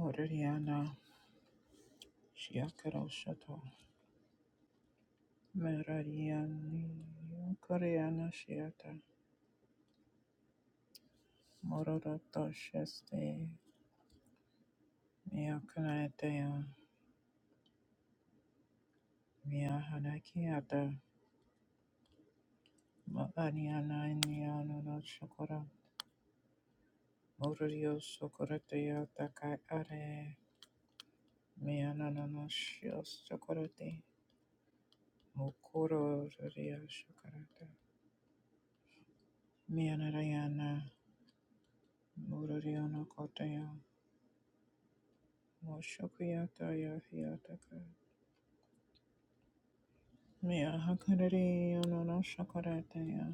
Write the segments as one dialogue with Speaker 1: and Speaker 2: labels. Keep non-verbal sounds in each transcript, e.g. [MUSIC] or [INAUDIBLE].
Speaker 1: Orariana Shiakaro Shoto Merariani Koreana Shiata Mororoto Sheste Miakanatea Miahanakiata Mariana Niano no Shokora Morio Sokoratea Takai Are Mianana no Shios Sokorate Mokoro Ria Shokarata Mianarayana Mororiono Kotaya Moshokuya Taya Hiataka Mea hakariri anana shakaratea.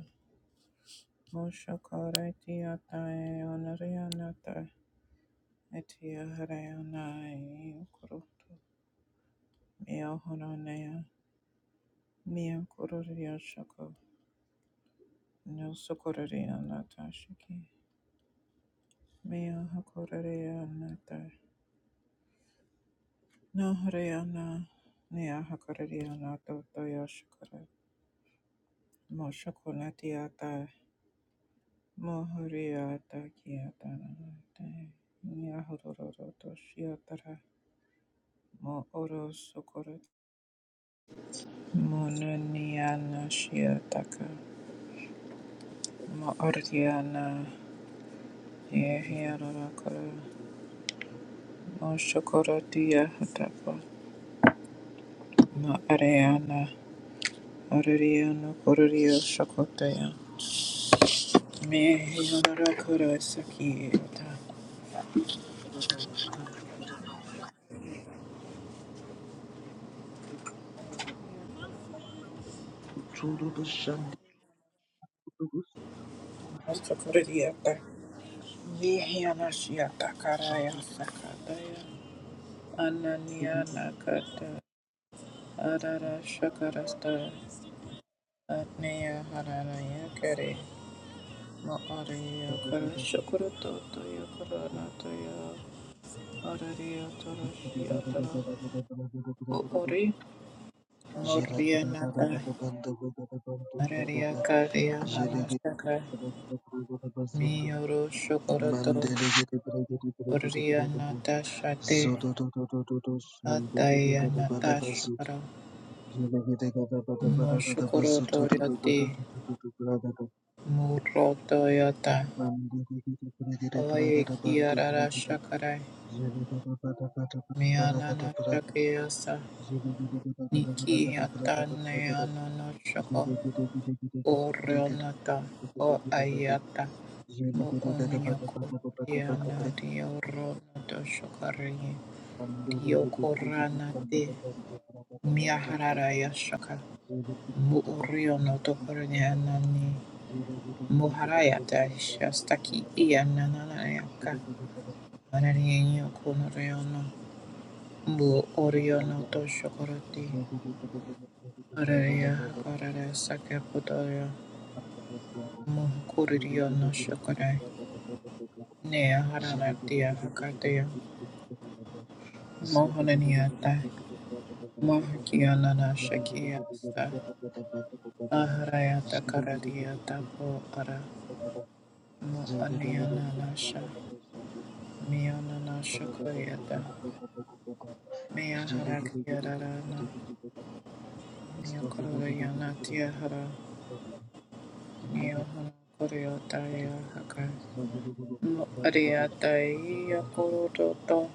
Speaker 1: Mo shakaratea tae anarianata. Etia hareana e ukurutu. Mea horanea. Mea kururia shako. No sukuraria nata shiki. Mea hakararia nata. No hareana. Nea hakararia to toya shakara. Mo shakunatia Mohoriata Kiatanate Yahororoto Shiatara Mo Oro Sokorat Monaniana Shiataka Mo Ordiana Yehiarakara Mo Shokoratia Hatapa Mo Areana Oriano Corio Shokotea Mehiarakara Sakiata Mo Sokoradiata Vihiana Shiata Karaya Sakataya Ananya Nakata Arara Shakarasta Atneya Harana Yakari Mo'ariya Kara Shakurato Toya Karana Toya Arariya Torashiya Tara Mo'ori Moria Nata Araria Kariya Mana Shaka Miyoro Shakurato
Speaker 2: Mandele
Speaker 1: Oriya Nata Shate
Speaker 2: Zodo do do do do do shunde gede
Speaker 1: Ataya
Speaker 2: gada bada
Speaker 1: Nata
Speaker 2: basu
Speaker 1: Shakara
Speaker 2: jele gede gada bada bada gada basu to
Speaker 1: Moshukurato
Speaker 2: do do do do
Speaker 1: Yati
Speaker 2: do do do do brada do
Speaker 1: Muroto
Speaker 2: mande gede gede gede gede brada
Speaker 1: Oye
Speaker 2: da
Speaker 1: kiarara
Speaker 2: bantu
Speaker 1: shakarai
Speaker 2: Thank
Speaker 1: mianana shakiyasa niki yatane anono shako orionata o ayata mo onyoko riana dioronato shakari diokorana te miaharara yashaka mo orionato korniana ni moharayata shastaki ianana yaka ananiyo konoriono Mu Oriano Toshokorati Araria Hakarare Sakeputoya
Speaker 2: you. Zulu
Speaker 1: Muhukuridio no Shokore Nea Haranatia Hakatea Mohananiata Mahakianana Shakiasta Aharayata Karadia Tapo Ara Mu Aniana Nasha Mianana Shokoyata Mea Harakiarana Nia Kororiana Tiahara Nia Hana Koreotaya Hakai Ariataia Koroto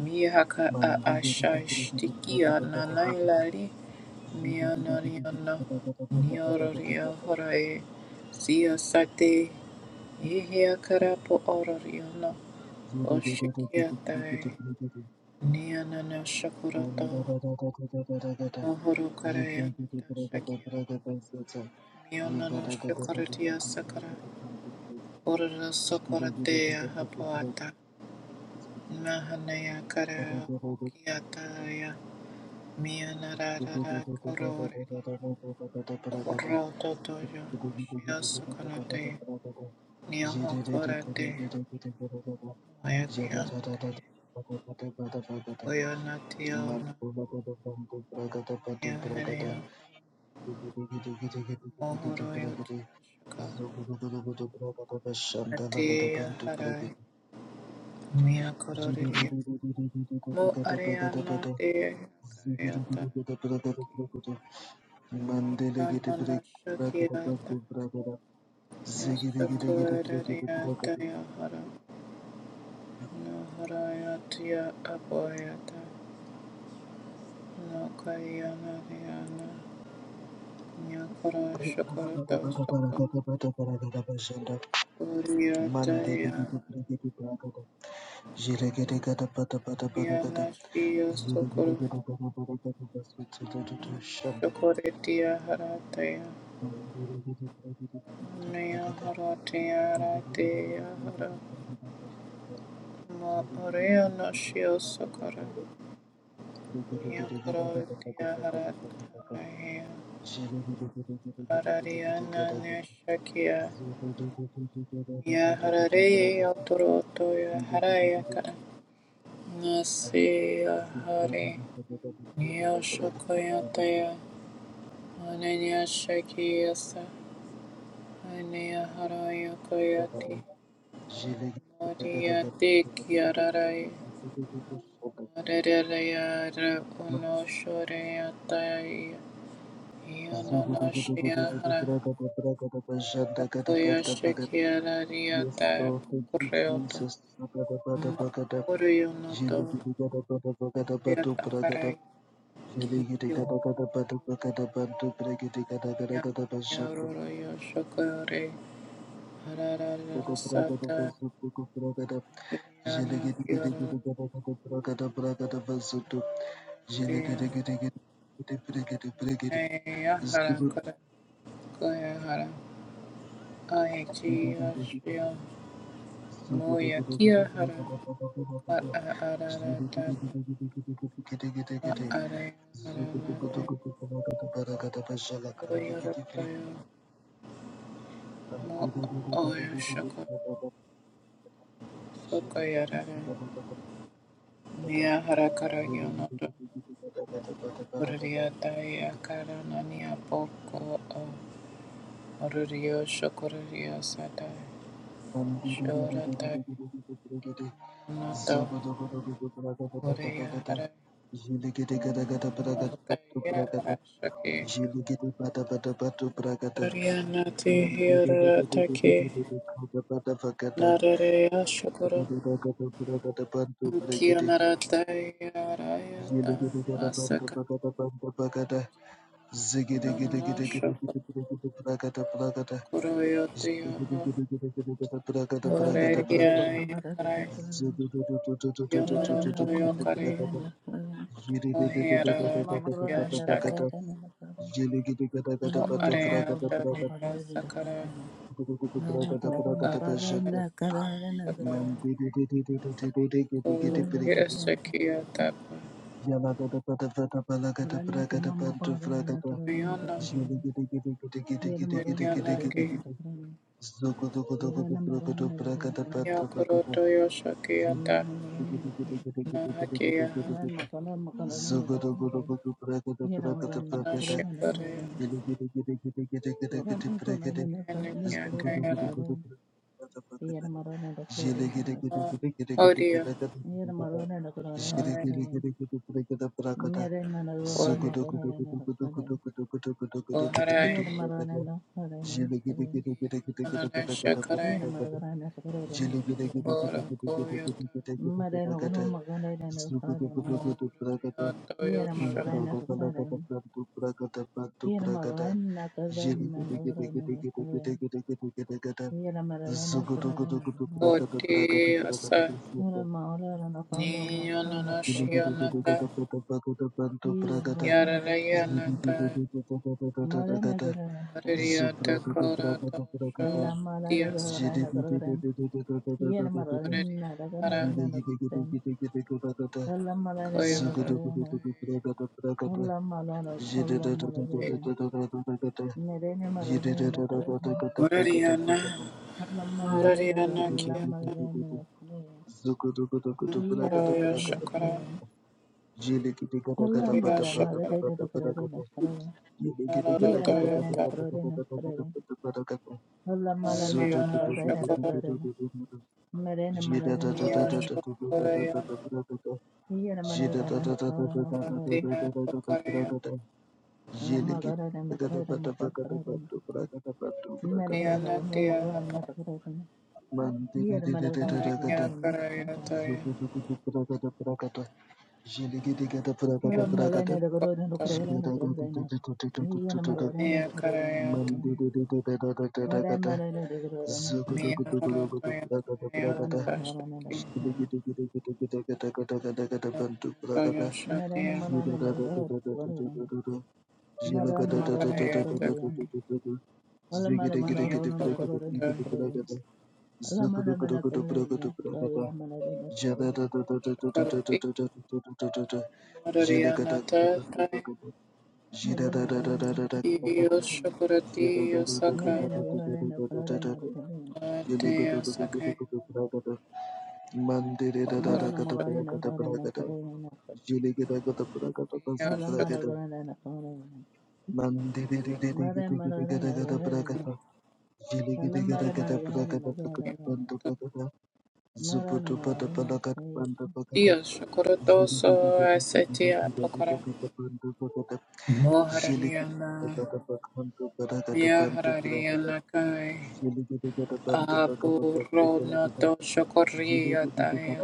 Speaker 1: Mihaka
Speaker 2: Thank
Speaker 1: a
Speaker 2: you.
Speaker 1: Ashashtikia Nanailari Mianariana Nioraria Horae Sia Sate Ihia Karapo Orariana Oshikiatai Nianana Shakurato Mohoro Karayanata Shakia Mianana Shakuratia Sakara Orara Sokoratea Hapoata Nahanaya kara ukiataya mianarara kororeri moro totoyo shiasukanate niahokorate mayakianate koyonationa niahereya mohoroyo tiashaka ateya harai miakororeri mo areana te kayata
Speaker 2: Mandele get a
Speaker 1: ianana
Speaker 2: break, bracket,
Speaker 1: shakiata
Speaker 2: bracket, bracket, ziggy, diggy, diggy, bracket, bracket,
Speaker 1: Yasakurariyatayahara Naharayatiya Abhayata Nakayanariyana Nyakara
Speaker 2: Zulu
Speaker 1: Shakarata Sakura Kuriyatayahariana Shiya Sakura Shakuritiya Harataya Nayaharatiya Ratiya Hara Mauriyana Shiya Sakura Yakuratiya Harataya Harariana Neshakia Ya Harare Yotoroto
Speaker 2: Yes,
Speaker 1: Ya Harayaka Nasi Ya Hari Ya Shokoyataya Ananya Shakiyasa Anaya Harayakoyati Mariyati Kiararai Mararaya Uno Yananashia Hara Yakoya Shakiarariata
Speaker 2: Lord, thank you,
Speaker 1: Pukureoto
Speaker 2: Jesus.
Speaker 1: Oriyo no to ya takarai kiyo ya ya roro ya shokore harara sata
Speaker 2: Jele
Speaker 1: riyana
Speaker 2: Zugu
Speaker 1: kiyoro teya ne ya hara kara kaya hara aechi ya shya mo ya kia hara ara ara ta ma are hara na e oriyo roto ya mo oya shoko soko ya rara Nia harakara yonoto uriya daya karana nia poko o uriyo shokuriyo sata shorata yonoto
Speaker 2: Ziggy
Speaker 1: uriya hara mataya hara shaki uriya nati hirata ki narareya shokuro kiyo narata arayata asaka uriya nashiyonara shokuro yotiyo
Speaker 3: Mama,
Speaker 1: Koreria Yakare Yonoroto Yokare
Speaker 2: Jiri
Speaker 1: Ohiarana Yashake No Areata Yasakara Saka Ko
Speaker 2: Zogodogodogodo
Speaker 1: Yasakia Tapa Riana Riana Ki
Speaker 2: prakata
Speaker 1: Yakoroto Yoshakia Tapa Nahakia
Speaker 2: prakata
Speaker 1: Hanana
Speaker 2: prakata
Speaker 1: Shakare
Speaker 2: Zugada
Speaker 3: Kurama kurana na kurana na
Speaker 1: Nania
Speaker 3: kurana na
Speaker 1: Kayarata
Speaker 3: kurana. Yera marana na kurana na kurana.
Speaker 1: Odia
Speaker 3: Yera marana na kurana na
Speaker 1: Already
Speaker 3: kurana. Mere na na
Speaker 1: Kori
Speaker 3: kurama kurana na kurana.
Speaker 1: Koharai
Speaker 3: Yera marana na kurana na kurana.
Speaker 1: Nanashakarai
Speaker 3: Yera marana na kurana na kurana.
Speaker 1: Korakoyata
Speaker 3: Mere na kurama kurana na kurana. Yera
Speaker 1: Mururiyatayosha
Speaker 3: marana na
Speaker 2: Imbragada
Speaker 3: kurana. Yera marana na kurana na kurana na kurana. Yera marana na
Speaker 2: Jigga
Speaker 3: kurana na
Speaker 2: Zugudugudugudu
Speaker 3: kurana.
Speaker 2: bragada
Speaker 1: Koti
Speaker 2: bragada bragada
Speaker 1: Asa
Speaker 2: bashunda.
Speaker 3: Ora ma ora na kurana ma kurana
Speaker 1: Niyananashyanata
Speaker 2: Gidigidigidigada bada bagada
Speaker 3: Yere
Speaker 2: bantu bragada.
Speaker 1: Yararayanata
Speaker 2: Zidididididididididididididida.
Speaker 1: Haririyata
Speaker 2: Zubragada bragada
Speaker 1: Koratosha
Speaker 2: bragada.
Speaker 1: Diyasa
Speaker 2: Zidididididididididididididida.
Speaker 1: Mururiyahara
Speaker 2: Zidigidigidigidigidigidigada. Zugudugudugudu
Speaker 1: Koyoratay
Speaker 2: bragada bragada. Jele
Speaker 1: Mururiyana Mururiyana Kiyata Karaya Shakara Mururiyashakara Yararatayata Mariana Shakura,
Speaker 3: Marina Marina
Speaker 1: Mia
Speaker 3: Margarana Sitting.
Speaker 1: Shakuraya,
Speaker 3: Here Marana Clarana Carana.
Speaker 1: Matia Pakaraya,
Speaker 2: Jiligi
Speaker 3: Margarana
Speaker 2: gada
Speaker 3: Macarona
Speaker 2: bada bagada
Speaker 3: Macarana.
Speaker 2: bada bragada bada bragada
Speaker 3: Marana
Speaker 1: Mariana Tia
Speaker 3: Womagrana
Speaker 1: Hapa,
Speaker 3: Carana.
Speaker 2: mandiri
Speaker 3: Here
Speaker 2: diri
Speaker 3: Marana
Speaker 2: diri ragada
Speaker 1: Paraya
Speaker 3: Carana.
Speaker 1: Karaya Taya,
Speaker 2: zugudu gudu bragada bragada jiligi digada bragada
Speaker 1: Niana
Speaker 2: bragada
Speaker 3: Marana the Gorona
Speaker 1: Shakurata,
Speaker 2: jilada
Speaker 3: Carana
Speaker 2: gudu gudu
Speaker 3: Carana.
Speaker 2: gudu
Speaker 3: Here
Speaker 2: gudu gudu
Speaker 3: Marana
Speaker 1: Mia
Speaker 3: Carana
Speaker 1: Karaya
Speaker 3: Carana.
Speaker 1: Taya,
Speaker 2: mandiri diri diri ragada
Speaker 3: Marana
Speaker 2: ragada
Speaker 3: Marana the Gorona
Speaker 2: zugudu
Speaker 1: Mia
Speaker 3: Carana.
Speaker 2: gudu gudu gudu
Speaker 1: Harataya
Speaker 2: bragada
Speaker 1: Karayana
Speaker 3: Marana Marana the Carana. Marana
Speaker 2: bragada
Speaker 3: Marana the
Speaker 1: Tashaki,
Speaker 2: jiligi digi digi digi digi digi digi digi digi
Speaker 1: Mia
Speaker 2: bantu
Speaker 1: Harataya
Speaker 2: bragada
Speaker 1: Shatia,
Speaker 2: jilada gudu gudu gudu
Speaker 3: Gorona.
Speaker 2: gudu Jilagada, Mandiri
Speaker 3: Marana Marana the
Speaker 1: Naharaya
Speaker 3: Carana.
Speaker 1: Takai,
Speaker 3: All Marana
Speaker 1: Nia
Speaker 3: Marana the Corona
Speaker 1: Korataya,
Speaker 3: Carana. Allah mana mana kallai na kalla mana da na kallai
Speaker 1: Shakurati, Mariana Taya,
Speaker 3: na ne mana wani na kallai na
Speaker 1: Kiyo
Speaker 3: kallai
Speaker 1: Shakurati Yosaka,
Speaker 3: mere na kallai na kallai na kallai
Speaker 1: Atea Sakaya
Speaker 3: mana
Speaker 1: Oro
Speaker 3: na mara na
Speaker 1: Shokoto
Speaker 3: kallai na kallai na kallai
Speaker 1: Dia
Speaker 3: Allah mana
Speaker 1: Shokoyata
Speaker 3: kallai na kallai na mara mara na kallai na
Speaker 2: Thank
Speaker 3: Allah mara mara kallai na kallai na
Speaker 1: Yakuta
Speaker 3: mara na mara na kallai
Speaker 1: Dia Shokoroto So
Speaker 2: you.
Speaker 1: Asetia Pokara Moharariana Miaharariana Kai Apuro Noto Shokoriataya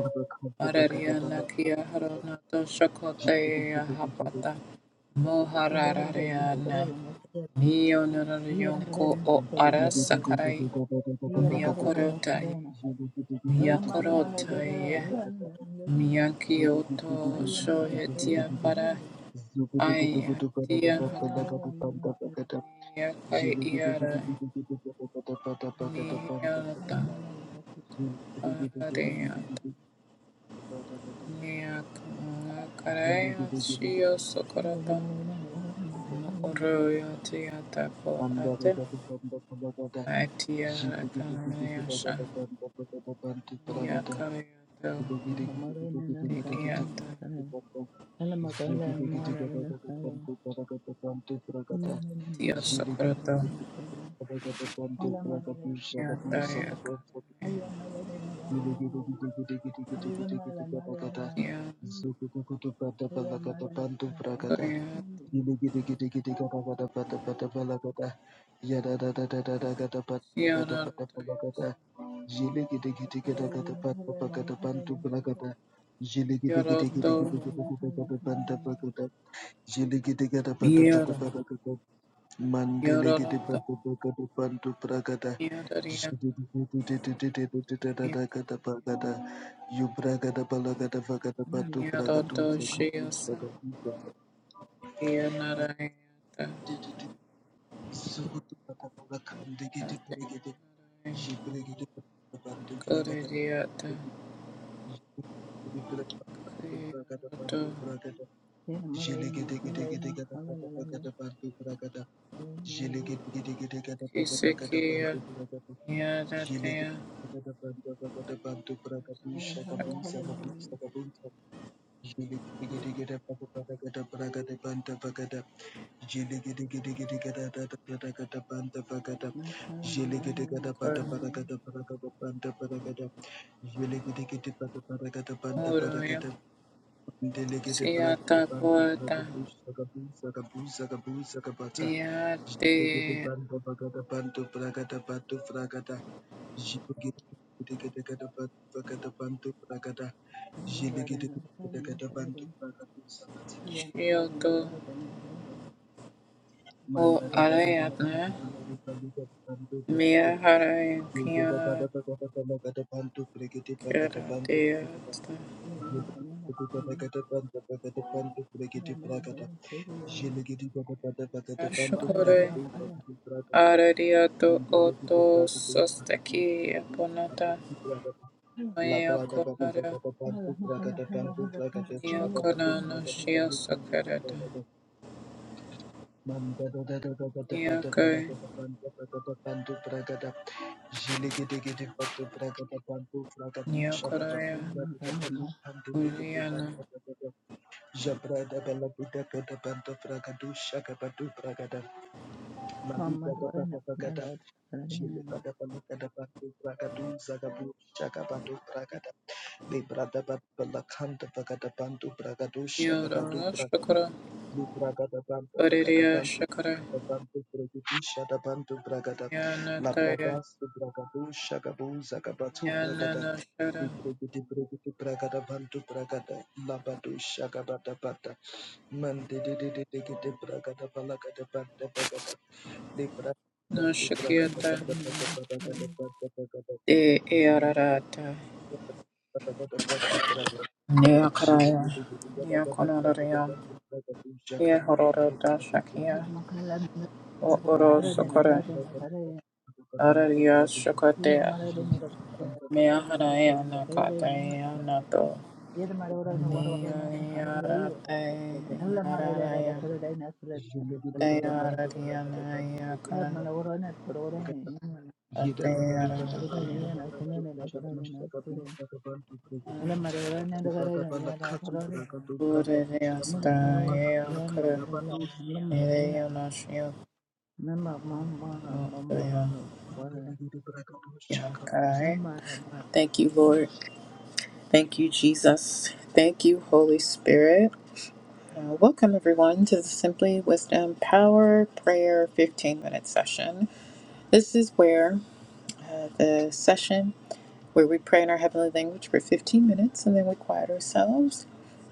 Speaker 1: Arariana Kia Haronato Shokotea Hapata
Speaker 3: Allah mara na
Speaker 1: Moharariana
Speaker 3: kallai na kallai na
Speaker 1: Mio
Speaker 3: hiya na mara na
Speaker 1: Narayanko O
Speaker 3: kallai na kallai
Speaker 1: Arasakarai
Speaker 3: hiya na mara na kallai
Speaker 1: Miakorotai,
Speaker 3: na Allah mara mana
Speaker 1: Miakorotai,
Speaker 3: kallai na
Speaker 2: Ziggy diggy diggy,
Speaker 1: Miakioto,
Speaker 2: diggy,
Speaker 3: Allah
Speaker 2: diggy, diggy,
Speaker 1: Shohetia
Speaker 3: mara
Speaker 1: para, Ayatia
Speaker 3: Hallelujah.
Speaker 1: haka, Miakai iara, Miata, Paradeata, Miakaraya, Shio Sokorata, Moroya Tiata po ate, Atia
Speaker 2: diggy,
Speaker 1: Kanayasha, Miakarayato, Diata,
Speaker 2: diggy, diggy, diggy, Jilly
Speaker 1: Tio Sokorata.
Speaker 2: Mandele gede bada bagada bandu bragada jidididididididididididadadagada bagada yubragada balagada vagada bandu bragadu zakabushka kabuzata mandididi zugudu bada bagakande gede bregede jibregede bagada bandu bragada bregudu bragada bandu bragada bandu bragada jelegede gede gede gada bada bagada bandu bragada
Speaker 3: Mm,
Speaker 2: jelegede gede gede gada bada bagada bandu
Speaker 1: Kisekia,
Speaker 2: bragada Jilegede
Speaker 1: Yadatea,
Speaker 3: Hallelujah,
Speaker 1: Shakura,
Speaker 3: hallelujah. Mm, my hallelujah, hallelujah, hallelujah,
Speaker 1: Muruya,
Speaker 2: Delegate
Speaker 1: Siata
Speaker 2: Bragabanto
Speaker 1: Puerta,
Speaker 2: Bragabus Sagabu Sagabu Sagabu Sagabata Jigate
Speaker 1: Miate,
Speaker 2: Banda Bagada Banto Bragada Banto Fragada Jigate Gata Bagada Banto Bragada
Speaker 3: hallelujah,
Speaker 2: Jigate Gata Banto
Speaker 3: hallelujah.
Speaker 2: Bragabusa
Speaker 3: Yeah, hallelujah,
Speaker 1: Kyoto
Speaker 3: hallelujah, hallelujah.
Speaker 1: Mo
Speaker 2: Manda da da da
Speaker 3: Hallelujah,
Speaker 2: da
Speaker 3: hallelujah,
Speaker 1: Arayana
Speaker 3: hallelujah.
Speaker 2: da
Speaker 1: Miyahara and
Speaker 2: da Banto Bragada Banto Bragada Jigate Bada
Speaker 1: Kiana
Speaker 2: Bagada Banto Bragada Banto
Speaker 1: Kiradea
Speaker 2: Bragada Banto
Speaker 3: Yeah, hallelujah, hallelujah,
Speaker 2: Jelegedegedepanto
Speaker 3: hallelujah, hallelujah. وعلى
Speaker 1: Yashukure
Speaker 3: لا حلا-
Speaker 1: Aradiato Oto Sostaki Aponata Maya konara
Speaker 3: هلا ما هلا- هلا- هلا- هلا. يلا،
Speaker 1: Niakorana
Speaker 3: هلا.
Speaker 1: Shia Sakarata Niakai
Speaker 2: bragata panto bragatu shakapatu
Speaker 1: Niakoraya
Speaker 3: هلا ما
Speaker 2: bragata bandu
Speaker 3: ظلمنا.
Speaker 2: pandu begetu
Speaker 1: Uriana
Speaker 2: bandu Jabrada bela buda bela bela bragadu shaka badu bragada
Speaker 3: ما
Speaker 2: maliga da bada
Speaker 3: مرضنا
Speaker 2: bragada
Speaker 3: بمرض. فردينا
Speaker 2: jile
Speaker 3: نفسنا،
Speaker 2: bada bela bada badu bragadu zagabu shaka badu bragada libra da bela kanda bragada badu bragadu shaka badu
Speaker 1: Theodora
Speaker 2: bragada
Speaker 1: Shakara
Speaker 2: libra da bada bragada
Speaker 1: Baridia
Speaker 2: badu
Speaker 1: Shakara
Speaker 2: bragada badu bragadu shaka badu bragada la
Speaker 1: Nianataya
Speaker 2: bragastu bragadu shaka bu zagabatu bragada
Speaker 1: Nianana Shara
Speaker 2: libra da bragada badu bragada la badu shaka bada bada Man de de de de de de braga da balaga da ba da baga de braga ba de
Speaker 3: ما
Speaker 2: braga da ba
Speaker 1: Nashakiata
Speaker 2: da ba
Speaker 3: مرضنا.
Speaker 1: E
Speaker 2: jile
Speaker 1: eararata.
Speaker 2: ba da braga jile
Speaker 1: Neakaraya.
Speaker 2: de de de de ga da da braga da
Speaker 1: Neakonoraria.
Speaker 2: ba da
Speaker 1: E hororota shakia.
Speaker 3: هلا ما قلنا.
Speaker 1: O
Speaker 3: فردينا-
Speaker 1: oro
Speaker 2: de de
Speaker 3: فردينا-
Speaker 2: de de
Speaker 1: sokora.
Speaker 3: فردينا-
Speaker 2: braga da
Speaker 3: فردينا.
Speaker 2: ba
Speaker 1: Araria
Speaker 3: Yet a
Speaker 1: shokatea.
Speaker 3: mother
Speaker 2: jile
Speaker 3: didn't
Speaker 2: ba da ba da ba
Speaker 1: Meaharaya nakataya nato.
Speaker 3: Yet a mother no one
Speaker 1: Neariarate.
Speaker 3: hallelujah. And la mother and a
Speaker 1: Yararaya.
Speaker 3: Carolina Fred and the Carolina and the
Speaker 1: Teararia
Speaker 3: Carolina. Her
Speaker 1: nayakara.
Speaker 3: mother were on it for Oren. And
Speaker 1: Atearataya.
Speaker 3: the mother ran and the Carolina and the Carolina. And the mother
Speaker 1: Uririasta.
Speaker 3: and the no
Speaker 1: Eakara.
Speaker 3: law. And the mother can never.
Speaker 1: Ereyanashia.
Speaker 3: Mamma, mamma, mamma,
Speaker 1: Motoya. Yakarai.
Speaker 3: no,
Speaker 1: Thank you, Lord. Thank you, Jesus. Thank you, Holy Spirit. Uh, welcome, everyone, to the Simply Wisdom Power Prayer 15 minute session. This is where uh, the session where we pray in our heavenly language for 15 minutes and then we quiet ourselves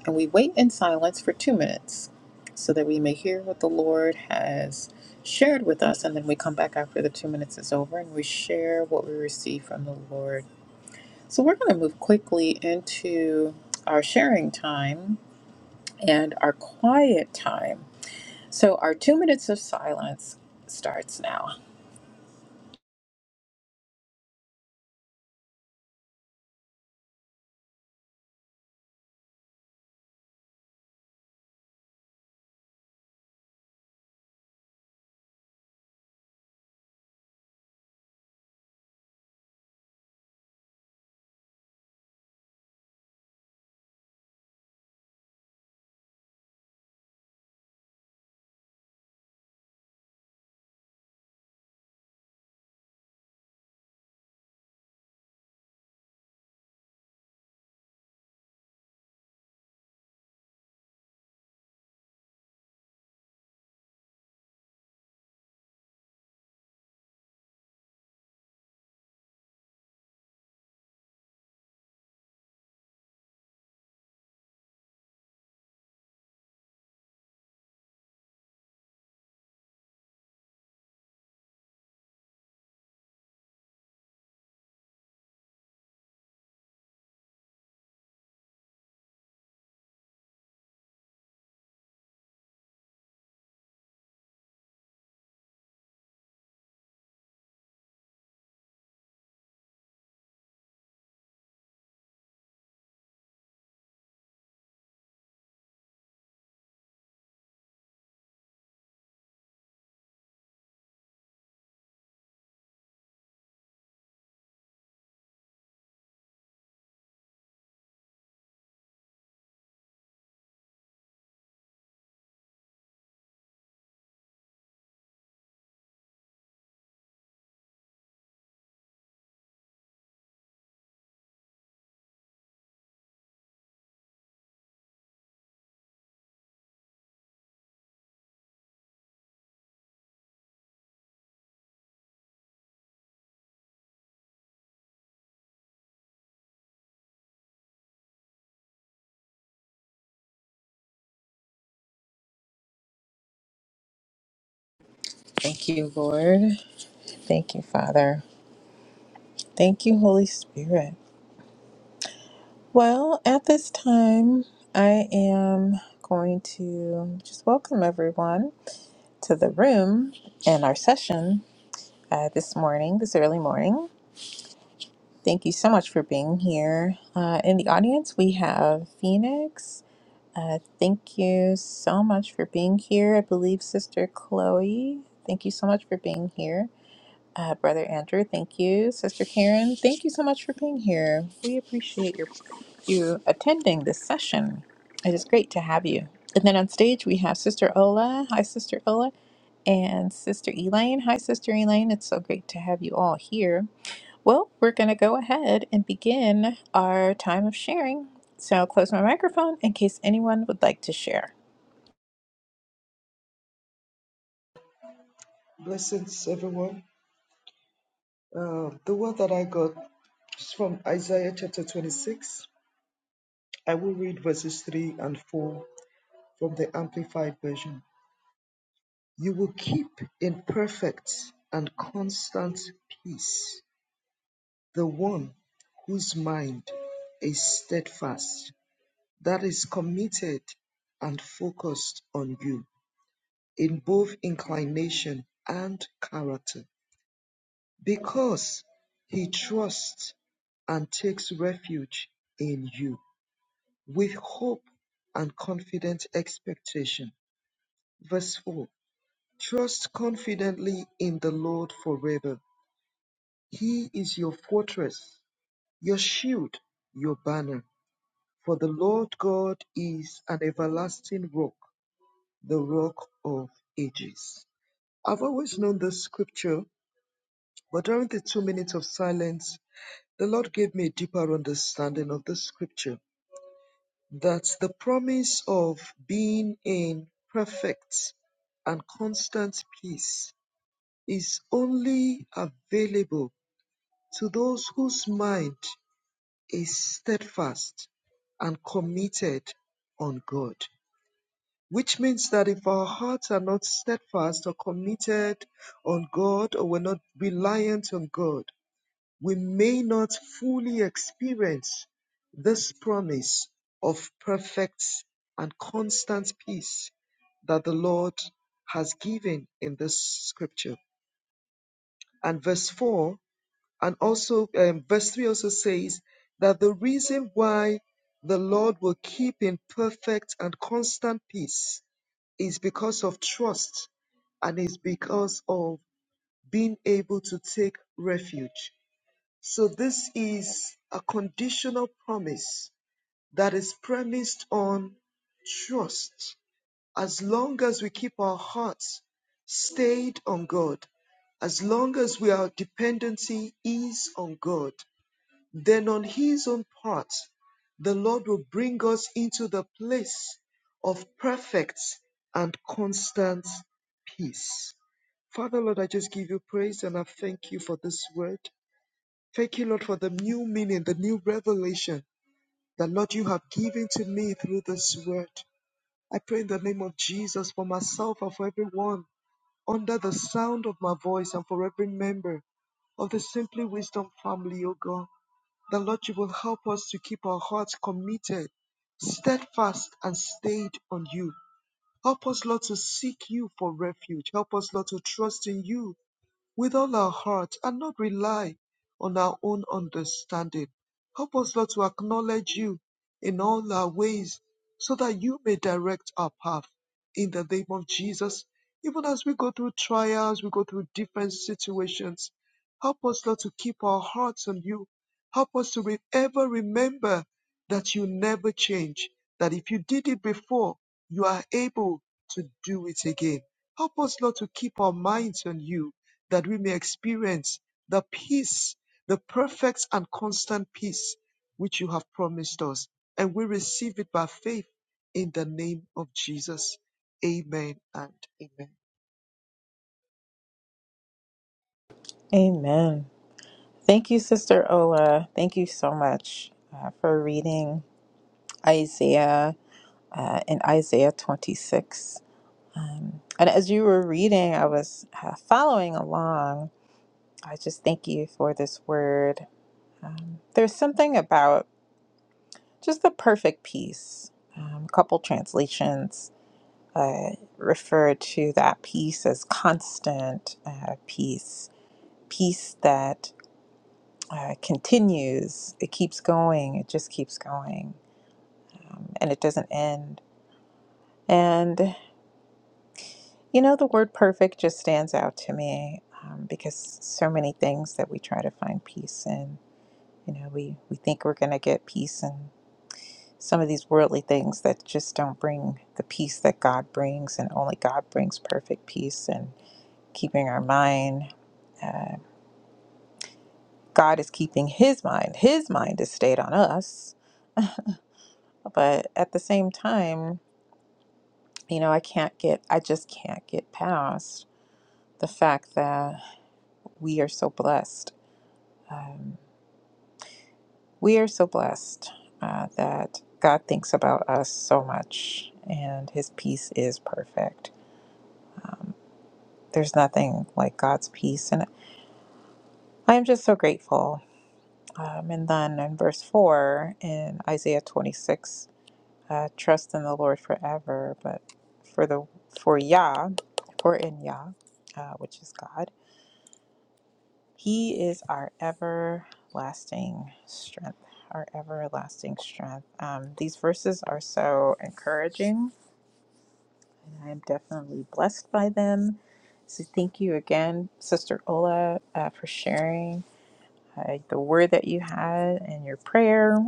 Speaker 1: and we wait in silence for two minutes so that we may hear what the Lord has shared with us. And then we come back after the two minutes is over and we share what we receive from the Lord so we're going to move quickly into our sharing time and our quiet time. So our two minutes of silence starts now. Thank you, Lord. Thank you, Father. Thank you, Holy Spirit. Well, at this time, I am going to just welcome everyone to the room and our session uh, this morning, this early morning. Thank you so much for being here. Uh, in the audience, we have Phoenix. Uh, thank you so much for being here. I believe Sister Chloe, thank you so much for being here. Uh, Brother Andrew, thank you. Sister Karen, thank you so much for being here. We appreciate your you attending this session. It is great to have you. And then on stage we have Sister Ola. Hi, Sister Ola, and Sister Elaine. Hi, Sister Elaine. It's so great to have you all here. Well, we're going to go ahead and begin our time of sharing. So I'll close my microphone in case anyone would like to share.
Speaker 2: Blessings, everyone. Uh, the word that I got is from Isaiah chapter 26. I will read verses 3 and 4 from the Amplified Version. You will keep in perfect and constant peace the one whose mind is steadfast, that is committed and focused on you in both inclination and character, because he trusts and takes refuge in you with hope and confident expectation. Verse 4 Trust confidently in the Lord forever. He is your fortress, your shield, your banner. For the Lord God is an everlasting rock, the rock of ages. I've always known this scripture, but during the two minutes of silence, the Lord gave me a deeper understanding of the scripture that the promise of being in perfect and constant peace is only available To those whose mind is steadfast and committed on God, which means that if our hearts are not steadfast or committed on God, or we're not reliant on God, we may not fully experience this promise of perfect and constant peace that the Lord has given in this scripture. And verse 4 And also, um, verse 3 also says that the reason why the Lord will keep in perfect and constant peace is because of trust and is because of being able to take refuge. So, this is a conditional promise that is premised on trust. As long as we keep our hearts stayed on God, as long as we our dependency is on God, then on his own part, the Lord will bring us into the place of perfect and constant peace. Father, Lord, I just give you praise and I thank you for this word. Thank you, Lord, for the new meaning, the new revelation that, Lord, you have given to me through this word. I pray in the name of Jesus for myself and for everyone under the sound of my voice and for every member of the Simply Wisdom family, O God. The Lord, you will help us to keep our hearts committed, steadfast, and stayed on you. Help us, Lord, to seek you for refuge. Help us, Lord, to trust in you with all our hearts, and not rely on our own understanding. Help us, Lord, to acknowledge you in all our ways so that you may direct our path in the name of Jesus. Even as we go through trials, we go through different situations. Help us, Lord, to keep our hearts on you. Help us to re- ever remember that you never change, that if you did it before, you are able to do it again. Help us, Lord, to keep our minds on you that we may experience the peace, the perfect and constant peace which you have promised us. And we receive it by faith in the name of Jesus. Amen and amen.
Speaker 1: Amen. Thank you, Sister Ola. Thank you so much uh, for reading Isaiah uh, in Isaiah 26. Um, and as you were reading, I was uh, following along. I just thank you for this word. Um, there's something about just the perfect peace. Um, a couple translations uh, refer to that peace as constant uh, peace, peace that uh, continues. It keeps going. It just keeps going. Um, and it doesn't end. And, you know, the word perfect just stands out to me um, because so many things that we try to find peace in, you know, we, we think we're going to get peace in some of these worldly things that just don't bring the peace that God brings. And only God brings perfect peace and keeping our mind. Uh, God is keeping his mind. His mind is stayed on us. But at the same time, you know, I can't get, I just can't get past the fact that we are so blessed. Um, we are so blessed uh, that God thinks about us so much and his peace is perfect. Um, there's nothing like God's peace. And I'm just so grateful. Um, and then in verse 4 in Isaiah 26, uh, trust in the Lord forever, but for the, for Yah, for in Yah, uh, which is God He is our everlasting strength, our everlasting strength. Um, these verses are so encouraging, and I am definitely blessed by them. So, thank you again, Sister Ola, uh, for sharing uh, the word that you had and your prayer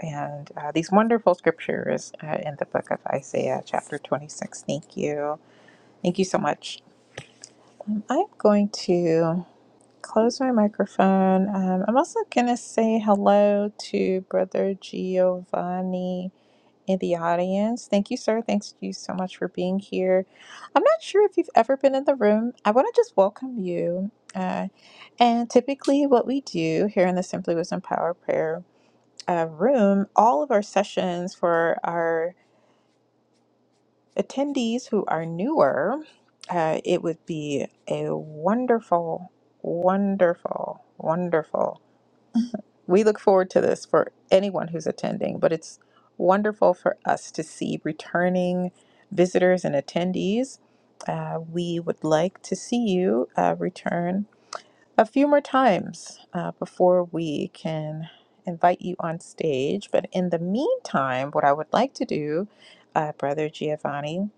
Speaker 1: and uh, these wonderful scriptures uh, in the book of Isaiah, chapter 26. Thank you. Thank you so much. I'm going to. close my microphone. Um, I'm also going to say hello to Brother Giovanni in the audience. Thank you, sir. Thanks to you so much for being here. I'm not sure if you've ever been in the room. I want to just welcome you. Uh, and typically, what we do here in the Simply Wisdom Power Prayer uh, room, all of our sessions for our attendees who are newer, uh, it would be a wonderful, wonderful, wonderful We look forward to this for anyone who's attending, but it's wonderful for us to see returning visitors and attendees. Uh, we would like to see you uh, return a few more times uh, before we can invite you on stage. But in the meantime, what I would like to do, uh, Brother Giovanni,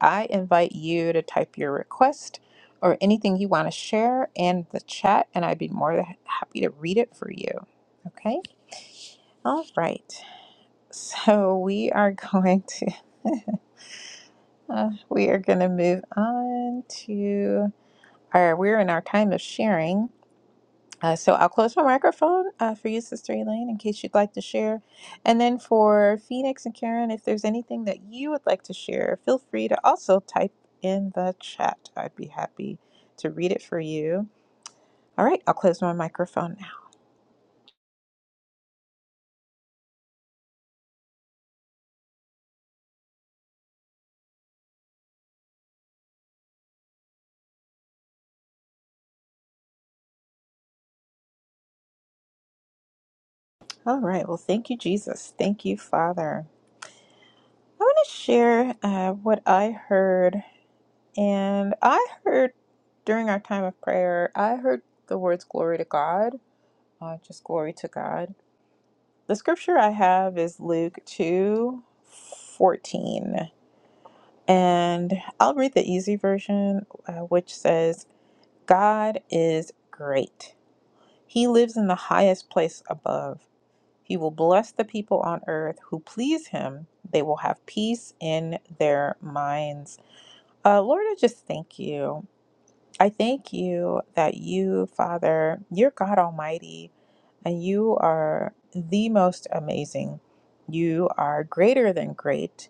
Speaker 1: I invite you to type your request or anything you want to share in the chat, and I'd be more than happy to read it for you. Okay. All right. So we are going to [LAUGHS] uh, we are going to move on to our we're in our time of sharing. Uh, so I'll close my microphone uh, for you, Sister Elaine, in case you'd like to share. And then for Phoenix and Karen, if there's anything that you would like to share, feel free to also type in the chat. I'd be happy to read it for you. All right, I'll close my microphone now. All right, well, thank you, Jesus. Thank you, Father. I want to share uh, what I heard. And I heard during our time of prayer, I heard the words glory to God, uh, just glory to God. The scripture I have is Luke 2 14, And I'll read the easy version, uh, which says, God is great. He lives in the highest place above. He will bless the people on earth who please him. They will have peace in their minds. Uh, Lord, I just thank you. I thank you that you, Father, you're God Almighty, and you are the most amazing. You are greater than great.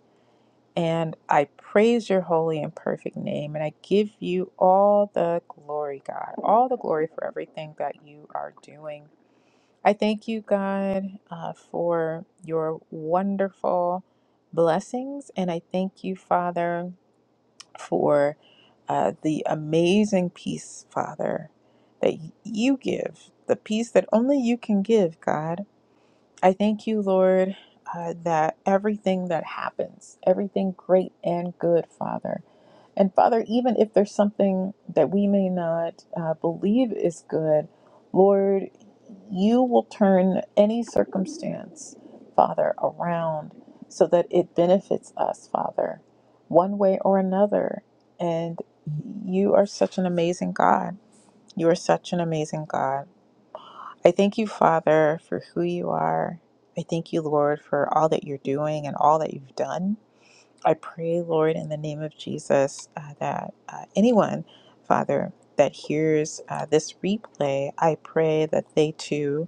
Speaker 1: And I praise your holy and perfect name. And I give you all the glory, God, all the glory for everything that you are doing. I thank you, God, uh, for your wonderful blessings. And I thank you, Father for uh, the amazing peace, Father, that you give, the peace that only you can give, God. I thank you, Lord, uh, that everything that happens, everything great and good, Father, and Father, even if there's something that we may not uh, believe is good, Lord, you will turn any circumstance, Father, around so that it benefits us, Father, one way or another. And you are such an amazing God. You are such an amazing God. I thank you, Father, for who you are. I thank you, Lord, for all that you're doing and all that you've done. I pray, Lord, in the name of Jesus, uh, that uh, anyone, Father, that hears uh, this replay, I pray that they too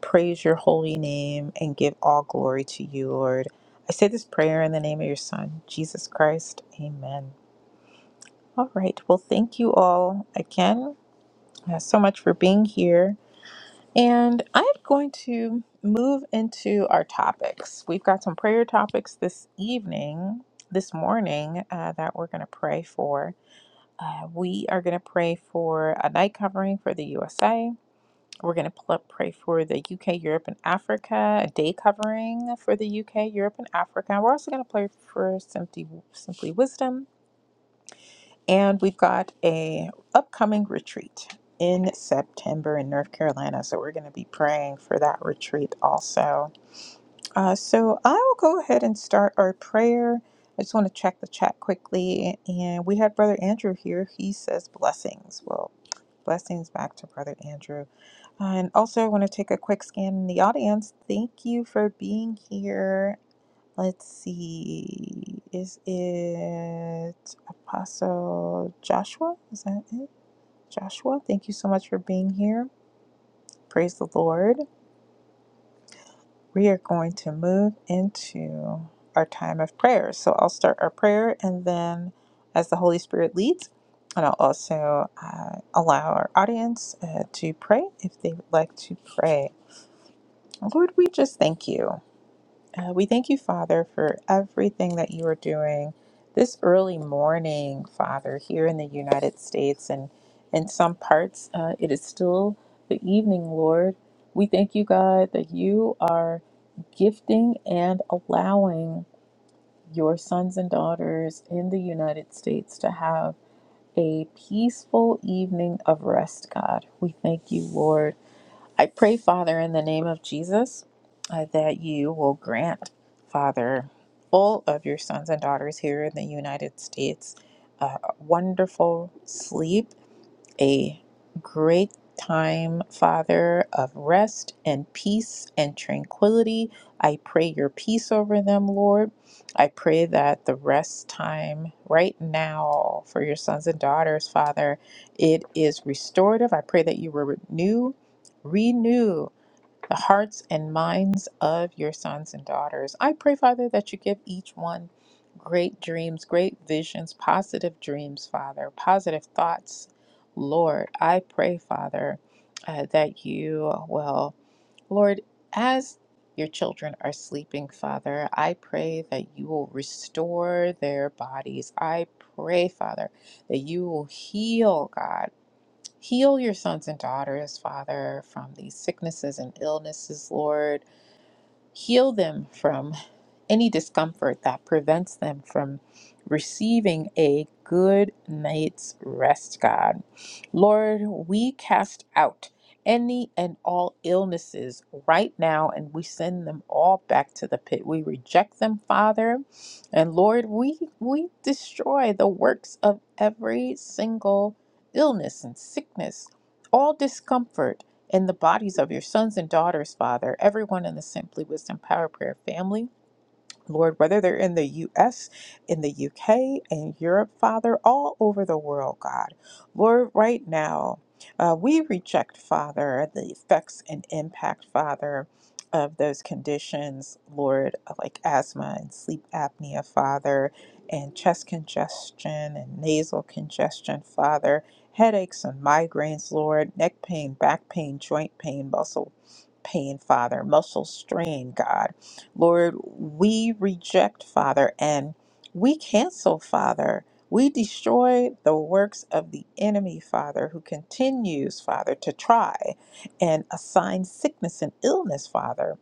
Speaker 1: praise your holy name and give all glory to you, Lord. I say this prayer in the name of your Son, Jesus Christ. Amen. All right. Well, thank you all again uh, so much for being here. And I'm going to move into our topics. We've got some prayer topics this evening, this morning, uh, that we're going to pray for. Uh, we are going to pray for a night covering for the USA. We're going to pl- pray for the UK, Europe, and Africa, a day covering for the UK, Europe, and Africa. We're also going to pray for Simply, Simply Wisdom and we've got a upcoming retreat in September in North Carolina. So we're going to be praying for that retreat also. Uh, so I will go ahead and start our prayer. I just want to check the chat quickly, and we had Brother Andrew here. He says blessings. Well, blessings back to Brother Andrew. And also, I want to take a quick scan in the audience. Thank you for being here. Let's see. Is it Apostle Joshua? Is that it? Joshua, thank you so much for being here. Praise the Lord. We are going to move into our time of prayer. So I'll start our prayer and then as the Holy Spirit leads, and I'll also uh, allow our audience uh, to pray if they would like to pray. Lord, we just thank you. Uh, we thank you, Father, for everything that you are doing this early morning, Father, here in the United States. And in some parts, uh, it is still the evening, Lord. We thank you, God, that you are gifting and allowing your sons and daughters in the United States to have a peaceful evening of rest, God. We thank you, Lord I pray, Father, in the name of Jesus, uh, that you will grant, Father, all of your sons and daughters here in the United States uh, a wonderful sleep a great time, Father, of rest and peace and tranquility. I pray your peace over them, Lord. I pray that the rest time right now for your sons and daughters, Father, it is restorative. I pray that you will renew, renew the hearts and minds of your sons and daughters. I pray, Father, that you give each one great dreams, great visions, positive dreams, Father, positive thoughts. Lord, I pray, Father, uh, that you will, Lord, as your children are sleeping, Father, I pray that you will restore their bodies. I pray, Father, that you will heal, God. Heal your sons and daughters, Father, from these sicknesses and illnesses, Lord. Heal them from any discomfort that prevents them from receiving a good night's rest, God. Lord, we cast out any and all illnesses right now and we send them all back to the pit. We reject them, Father. And Lord, we we destroy the works of every single illness and sickness, all discomfort in the bodies of your sons and daughters, Father, everyone in the Simply Wisdom Power Prayer family. Lord, whether they're in the US, in the UK, in Europe, Father, all over the world, God. Lord, right now, uh, we reject, Father, the effects and impact, Father, of those conditions, Lord, like asthma and sleep apnea, Father, and chest congestion and nasal congestion, Father, headaches and migraines, Lord, neck pain, back pain, joint pain, muscle pain, Father, muscle strain, God. Lord, we reject, Father, and we cancel, Father. We destroy the works of the enemy, Father, who continues, Father, to try and assign sickness and illness, Father,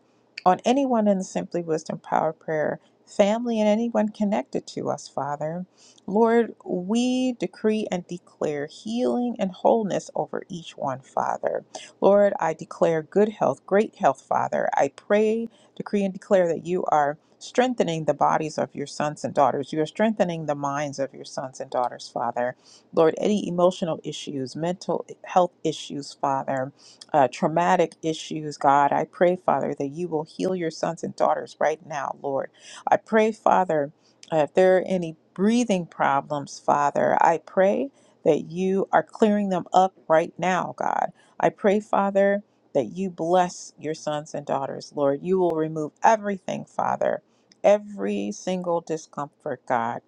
Speaker 1: on anyone in the Simply Wisdom Power Prayer family and anyone connected to us, Father. Lord, we decree and declare healing and wholeness over each one, Father. Lord, I declare good health, great health, Father. I pray decree and declare that you are strengthening the bodies of your sons and daughters. You are strengthening the minds of your sons and daughters, Father. Lord, any emotional issues, mental health issues, Father, uh, traumatic issues, God, I pray, Father, that you will heal your sons and daughters right now, Lord. I pray, Father, uh, if there are any breathing problems, Father, I pray that you are clearing them up right now, God. I pray, Father that you bless your sons and daughters, Lord. You will remove everything, Father, every single discomfort, God,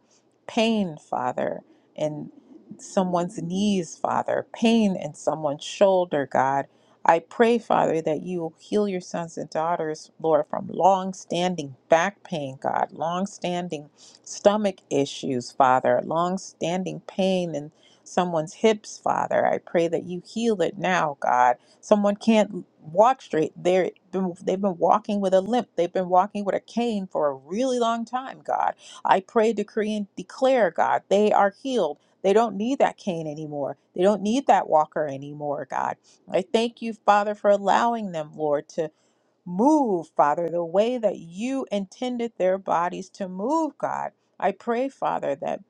Speaker 1: pain, Father, in someone's knees, Father, pain in someone's shoulder, God. I pray, Father, that you will heal your sons and daughters, Lord, from long standing back pain, God, long standing stomach issues, Father, long standing pain in someone's hips, Father. I pray that you heal it now, God Someone can't walk straight. They're they've been walking with a limp. They've been walking with a cane for a really long time, God. I pray, decree, and declare, God, they are healed. They don't need that cane anymore. They don't need that walker anymore, God. I thank you, Father, for allowing them, Lord, to move, Father, the way that you intended their bodies to move, God. I pray, Father, that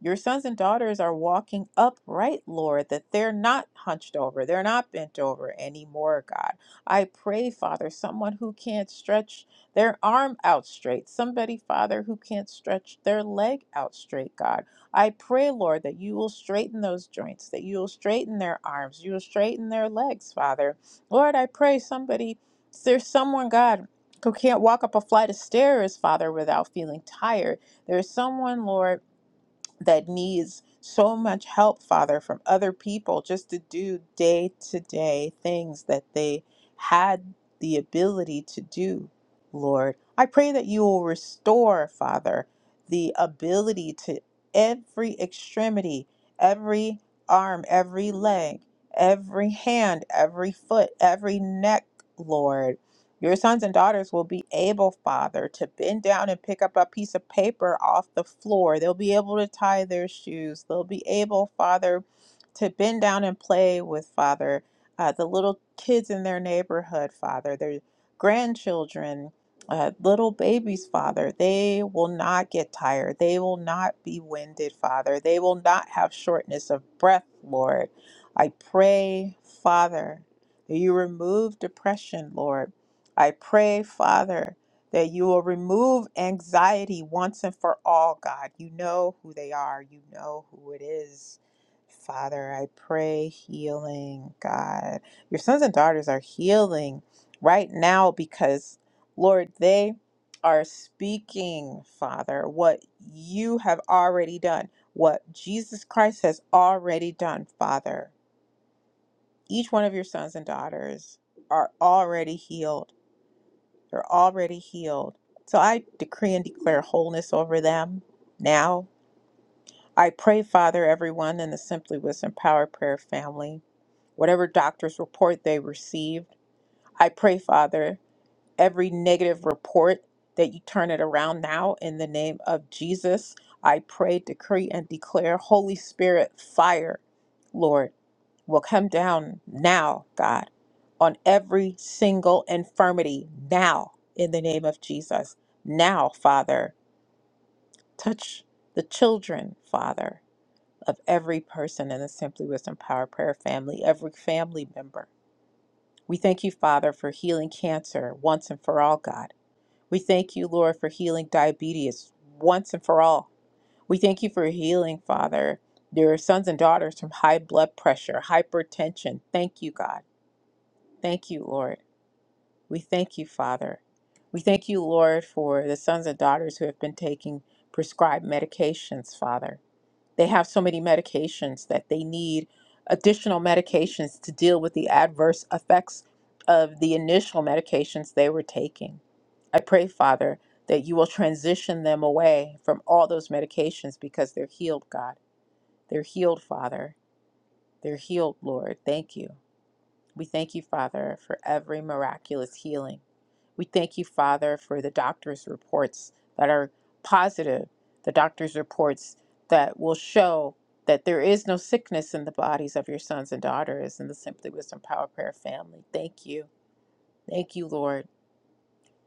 Speaker 1: your sons and daughters are walking upright, Lord, that they're not hunched over, they're not bent over anymore, God. I pray, Father, someone who can't stretch their arm out straight, somebody, Father, who can't stretch their leg out straight, God. I pray, Lord, that you will straighten those joints, that you will straighten their arms, you will straighten their legs, Father. Lord, I pray somebody there's someone, God, who can't walk up a flight of stairs, Father, without feeling tired. There's someone, Lord, that needs so much help, Father, from other people just to do day to day things that they had the ability to do, Lord. I pray that you will restore, Father, the ability to every extremity, every arm, every leg, every hand, every foot, every neck, Lord. Your sons and daughters will be able, Father, to bend down and pick up a piece of paper off the floor. They'll be able to tie their shoes. They'll be able, Father, to bend down and play with, Father, uh, the little kids in their neighborhood, Father, their grandchildren, uh, little babies, Father. They will not get tired. They will not be winded, Father. They will not have shortness of breath, Lord. I pray, Father, that you remove depression, Lord. I pray, Father, that you will remove anxiety once and for all, God. You know who they are, you know who it is. Father, I pray healing, God. Your sons and daughters are healing right now because, Lord, they are speaking, Father, what you have already done, what Jesus Christ has already done, Father. Each one of your sons and daughters are already healed they're already healed. So I decree and declare wholeness over them now. I pray, Father, everyone in the Simply Wisdom Power Prayer family, whatever doctor's report they received, I pray, Father, every negative report that you turn it around now in the name of Jesus. I pray, decree, and declare Holy Spirit fire, Lord will come down now, God, on every single infirmity now in the name of Jesus. Now, Father, touch the children, Father, of every person in the Simply Wisdom Power Prayer family, every family member. We thank you, Father, for healing cancer once and for all, God. We thank you, Lord, for healing diabetes once and for all. We thank you for healing, Father, your sons and daughters from high blood pressure, hypertension. Thank you, God. Thank you, Lord. We thank you, Father. We thank you, Lord, for the sons and daughters who have been taking prescribed medications, Father. They have so many medications that they need additional medications to deal with the adverse effects of the initial medications they were taking. I pray, Father, that you will transition them away from all those medications because they're healed, God. They're healed, Father. They're healed, Lord. Thank you. We thank you, Father, for every miraculous healing We thank you, Father, for the doctor's reports that are positive, the doctor's reports that will show that there is no sickness in the bodies of your sons and daughters in the Simply Wisdom Power Prayer family. Thank you. Thank you, Lord.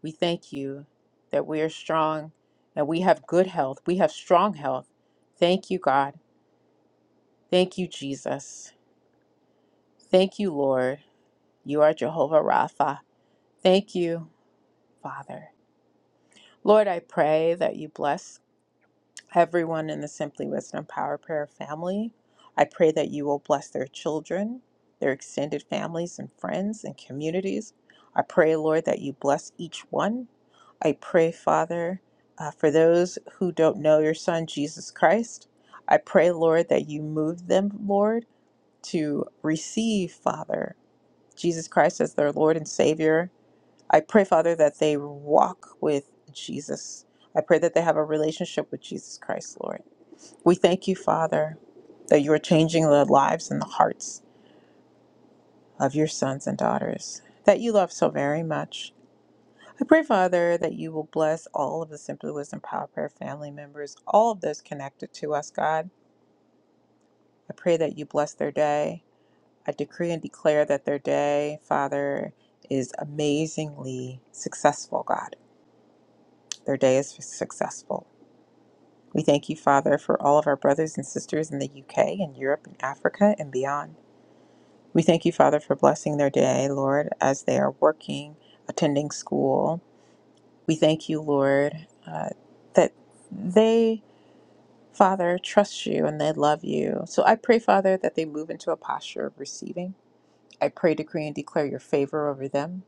Speaker 1: We thank you that we are strong and we have good health. We have strong health. Thank you, God. Thank you, Jesus. Thank you, Lord. You are Jehovah Rapha. Thank you, Father. Lord, I pray that you bless everyone in the Simply Wisdom Power Prayer family. I pray that you will bless their children, their extended families and friends and communities. I pray, Lord, that you bless each one. I pray, Father, uh, for those who don't know your Son, Jesus Christ. I pray, Lord, that you move them, Lord, to receive, Father, Jesus Christ as their Lord and Savior. I pray, Father, that they walk with Jesus. I pray that they have a relationship with Jesus Christ, Lord. We thank you, Father, that you are changing the lives and the hearts of your sons and daughters that you love so very much. I pray, Father, that you will bless all of the Simply Wisdom Power Prayer family members, all of those connected to us, God. I pray that you bless their day. I decree and declare that their day, Father, is amazingly successful, God. Their day is successful. We thank you, Father, for all of our brothers and sisters in the UK and Europe and Africa and beyond. We thank you, Father, for blessing their day, Lord, as they are working, attending school. We thank you, Lord, uh, that they, Father, trust you and they love you. So I pray, Father, that they move into a posture of receiving. I pray, decree, and declare your favor over them.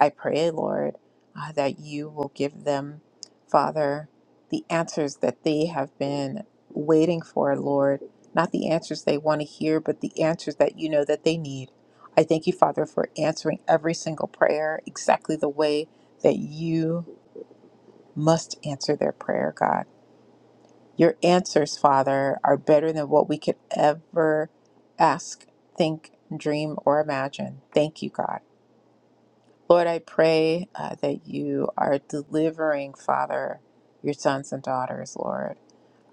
Speaker 1: I pray, Lord, uh, that you will give them, Father, the answers that they have been waiting for, Lord. Not the answers they want to hear, but the answers that you know that they need. I thank you, Father, for answering every single prayer exactly the way that you must answer their prayer, God. Your answers, Father, are better than what we could ever ask, think, dream, or imagine. Thank you, God. Lord, I pray uh, that you are delivering, Father, your sons and daughters, Lord,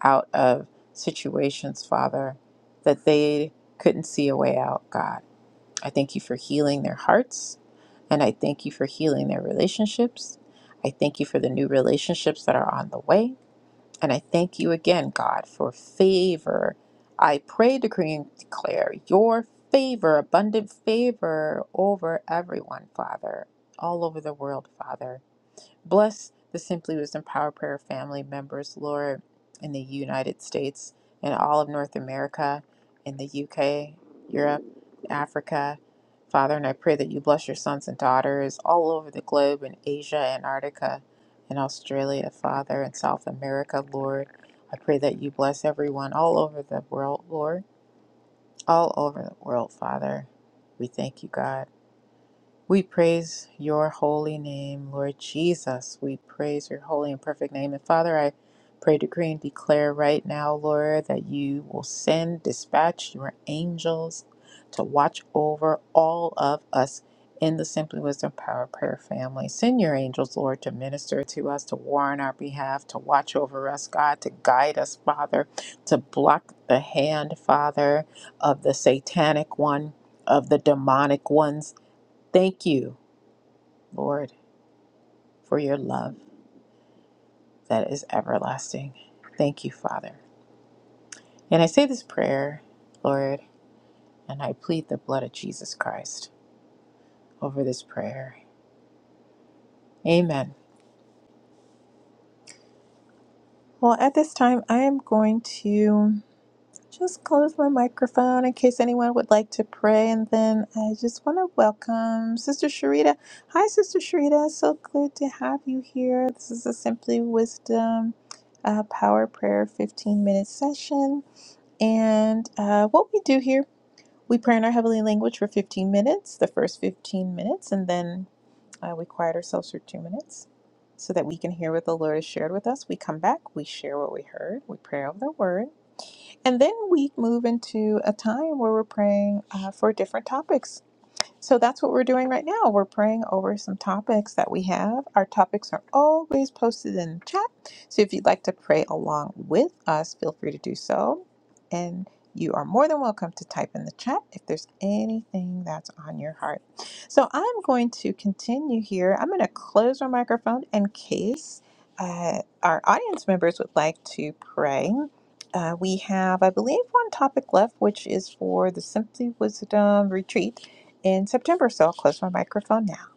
Speaker 1: out of situations, Father, that they couldn't see a way out, God. I thank you for healing their hearts, and I thank you for healing their relationships. I thank you for the new relationships that are on the way. And I thank you again, God, for favor. I pray, decree, and declare your favor, abundant favor over everyone, Father, all over the world, Father. Bless the Simply Wisdom Power Prayer family members, Lord, in the United States and all of North America, in the UK, Europe, Africa. Father, and I pray that you bless your sons and daughters all over the globe in Asia, Antarctica, and Australia, Father, and South America, Lord. I pray that you bless everyone all over the world, Lord, all over the world, Father. We thank you, God. We praise your holy name, Lord Jesus. We praise your holy and perfect name. And Father, I pray, decree, and declare right now, Lord, that you will send, dispatch your angels to watch over all of us in the Simply Wisdom Power Prayer family. Send your angels, Lord, to minister to us, to war on our behalf, to watch over us, God, to guide us, Father, to block the hand, Father, of the satanic one. Of the demonic ones Thank you, Lord, for your love that is everlasting. Thank you, Father. And I say this prayer, Lord, and I plead the blood of Jesus Christ over this prayer. Amen. Well, at this time, I am going to just close my microphone in case anyone would like to pray. And then I just want to welcome Sister Sharita. Hi, Sister Sharita. So good to have you here. This is a Simply Wisdom uh, Power Prayer 15 minute session. And uh, what we do here, we pray in our heavenly language for 15 minutes, the first 15 minutes, and then uh, we quiet ourselves for two minutes so that we can hear what the Lord has shared with us. We come back, we share what we heard, we pray over the word, and then we move into a time where we're praying uh, for different topics. So that's what we're doing right now. We're praying over some topics that we have. Our topics are always posted in the chat. So if you'd like to pray along with us, feel free to do so. And you are more than welcome to type in the chat if there's anything that's on your heart. So I'm going to continue here. I'm going to close my microphone in case uh, our audience members would like to pray, uh, we have, I believe, one topic left, which is for the Simply Wisdom retreat in September. So I'll close my microphone now.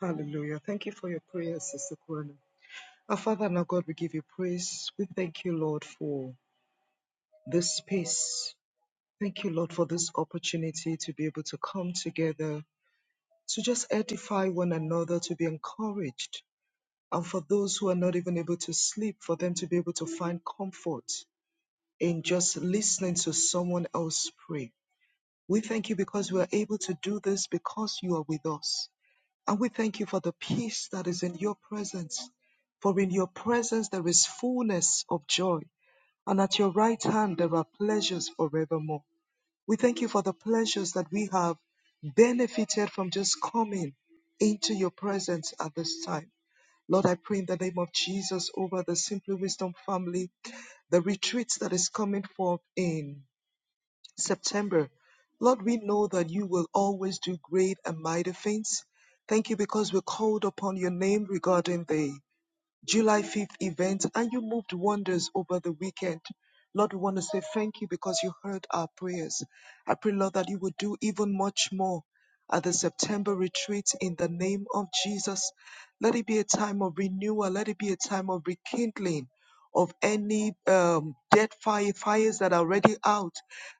Speaker 2: Hallelujah. Thank you for your prayers, Sister Corona. Our Father and our God, we give you praise. We thank you, Lord, for this space. Thank you, Lord, for this opportunity to be able to come together, to just edify one another, to be encouraged and for those who are not even able to sleep, for them to be able to find comfort in just listening to someone else pray. We thank you because we are able to do this because you are with us. And we thank you for the peace that is in your presence. For in your presence there is fullness of joy, and at your right hand there are pleasures forevermore. We thank you for the pleasures that we have benefited from just coming into your presence at this time. Lord, I pray in the name of Jesus over the Simply Wisdom family, the retreats that is coming forth in September. Lord, we know that you will always do great and mighty things. Thank you because we called upon your name regarding thee. July 5th event, and you moved wonders over the weekend. Lord, we want to say thank you because you heard our prayers. I pray, Lord, that you would do even much more at the September retreat in the name of Jesus. Let it be a time of renewal, let it be a time of rekindling. Of any um, dead fire, fires that are already out.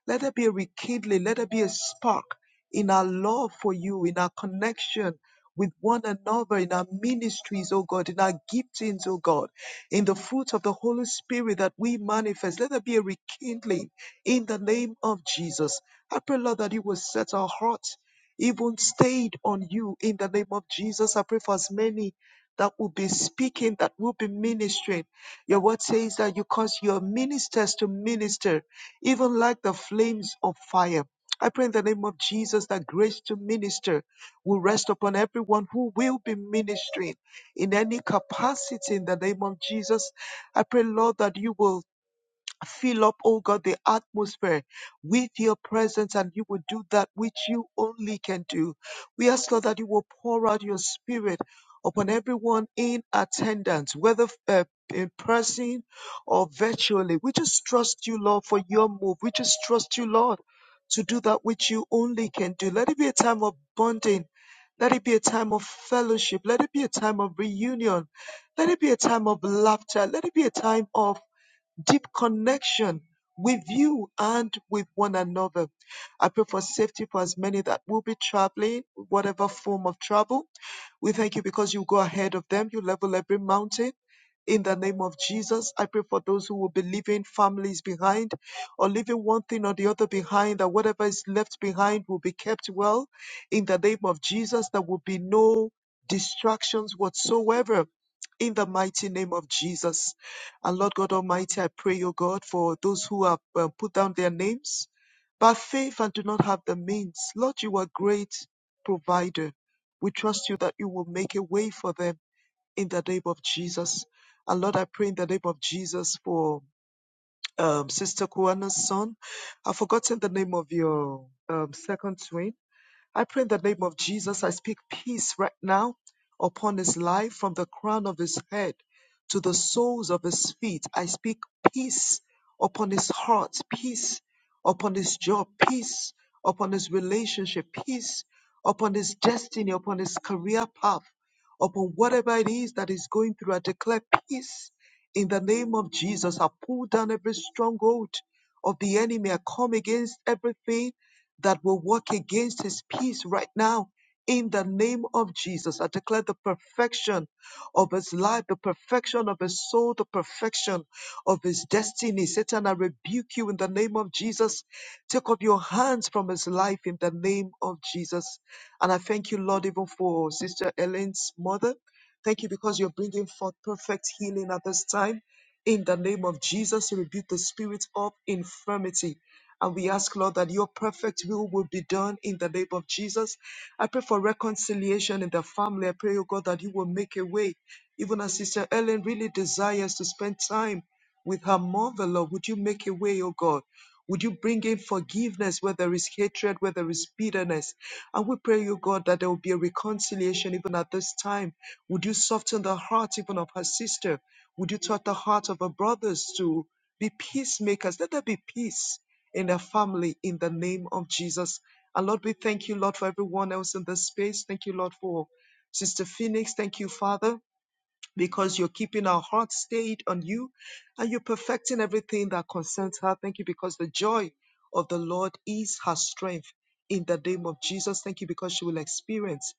Speaker 2: Let there be a rekindling, let there be a spark in our love for you, in our connection with one another in our ministries, oh God, in our giftings, oh God, in the fruits of the Holy Spirit that we manifest. Let there be a rekindling in the name of Jesus. I pray, Lord, that you will set our hearts even stayed on you in the name of Jesus. I pray for as many that will be speaking, that will be ministering. Your word says that you cause your ministers to minister, even like the flames of fire. I pray in the name of Jesus that grace to minister will rest upon everyone who will be ministering in any capacity in the name of Jesus. I pray, Lord, that you will fill up, oh God, the atmosphere with your presence and you will do that which you only can do. We ask, Lord, that you will pour out your spirit upon everyone in attendance, whether uh, in person or virtually. We just trust you, Lord, for your move. We just trust you, Lord, to do that which you only can do. Let it be a time of bonding let it be a time of fellowship. Let it be a time of reunion. Let it be a time of laughter. Let it be a time of deep connection with you and with one another. I pray for safety for as many that will be traveling, whatever form of travel. We thank you because you go ahead of them. You level every mountain. In the name of Jesus, I pray for those who will be leaving families behind or leaving one thing or the other behind, that whatever is left behind will be kept well. In the name of Jesus, there will be no distractions whatsoever. In the mighty name of Jesus. And Lord God Almighty, I pray, O God, for those who have uh, put down their names by faith and do not have the means. Lord, you are a great provider. We trust you that you will make a way for them in the name of Jesus. And Lord, I pray in the name of Jesus for um, Sister Kuana's son. I've forgotten the name of your um, second twin. I pray in the name of Jesus, I speak peace right now upon his life from the crown of his head to the soles of his feet. I speak peace upon his heart, peace upon his job, peace upon his relationship, peace upon his destiny, upon his career path, upon whatever it is that he's going through. I declare peace in the name of Jesus. I pull down every stronghold of the enemy. I come against everything that will work against his peace right now. In the name of Jesus, I declare the perfection of his life, the perfection of his soul, the perfection of his destiny. Satan, I rebuke you in the name of Jesus. Take off your hands from his life in the name of Jesus. And I thank you, Lord, even for Sister Elaine's mother. Thank you because you're bringing forth perfect healing at this time. In the name of Jesus, rebuke the spirit of infirmity and we ask, Lord, that your perfect will will be done in the name of Jesus. I pray for reconciliation in the family. I pray, oh God, that you will make a way. Even as Sister Ellen really desires to spend time with her mother, Lord, would you make a way, oh God? Would you bring in forgiveness where there is hatred, where there is bitterness? And we pray, you God, that there will be a reconciliation even at this time. Would you soften the heart even of her sister? Would you touch the heart of her brothers to be peacemakers? Let there be peace in their family in the name of Jesus. And Lord, we thank you, Lord, for everyone else in this space. Thank you, Lord, for Sister Phoenix. Thank you, Father because you're keeping our hearts stayed on you and you're perfecting everything that concerns her. Thank you because the joy of the Lord is her strength in the name of Jesus. Thank you because she will experience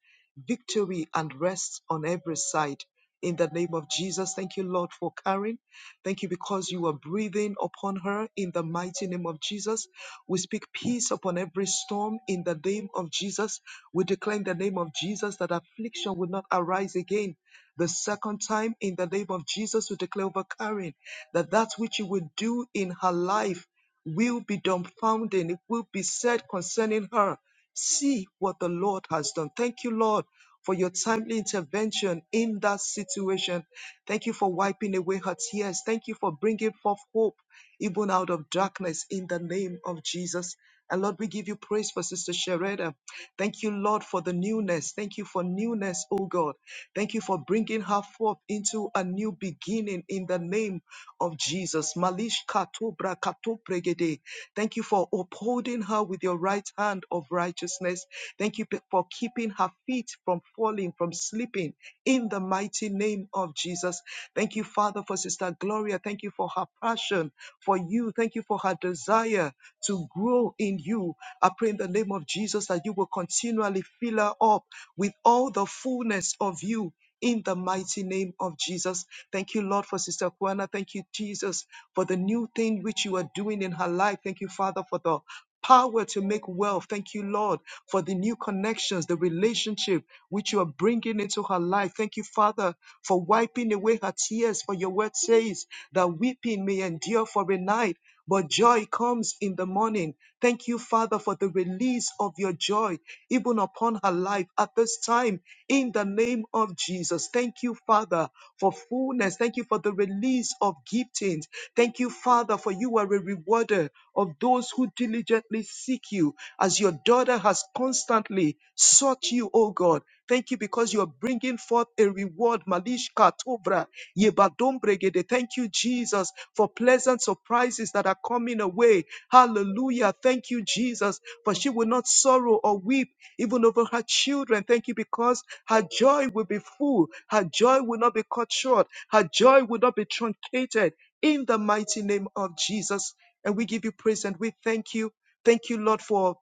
Speaker 2: victory and rest on every side. In the name of Jesus, thank you, Lord, for Karen. Thank you because you are breathing upon her in the mighty name of Jesus. We speak peace upon every storm in the name of Jesus. We declare in the name of Jesus that affliction will not arise again the second time, in the name of Jesus, we declare over Karen that that which you will do in her life will be dumbfounding. It will be said concerning her. See what the Lord has done. Thank you, Lord, for your timely intervention in that situation. Thank you for wiping away her tears. Thank you for bringing forth hope, even out of darkness, in the name of Jesus. And Lord, we give you praise for Sister Shareda. Thank you, Lord, for the newness. Thank you for newness, oh God. Thank you for bringing her forth into a new beginning in the name of Jesus. Malish katobra katopregede. Thank you for upholding her with your right hand of righteousness. Thank you for keeping her feet from falling, from slipping in the mighty name of Jesus. Thank you, Father, for Sister Gloria. Thank you for her passion for you. Thank you for her desire to grow in you. I pray in the name of Jesus that you will continually fill her up with all the fullness of you. In the mighty name of Jesus. Thank you, Lord, for Sister Kwana. Thank you, Jesus, for the new thing which you are doing in her life. Thank you, Father, for the power to make wealth. Thank you, Lord, for the new connections, the relationship which you are bringing into her life. Thank you, Father, for wiping away her tears. For your word says that weeping may endure for a night, but joy comes in the morning. Thank you, Father, for the release of your joy, even upon her life at this time, in the name of Jesus. Thank you, Father, for fullness. Thank you for the release of giftings. Thank you, Father, for you are a rewarder of those who diligently seek you, as your daughter has constantly sought you, O God. Thank you because you're bringing forth a reward. Malishka Tobra, Yebadombregede. Thank you, Jesus, for pleasant surprises that are coming away. Hallelujah. Thank you, Jesus, for she will not sorrow or weep even over her children. Thank you because her joy will be full. Her joy will not be cut short. Her joy will not be truncated in the mighty name of Jesus. And we give you praise and we thank you. Thank you, Lord, for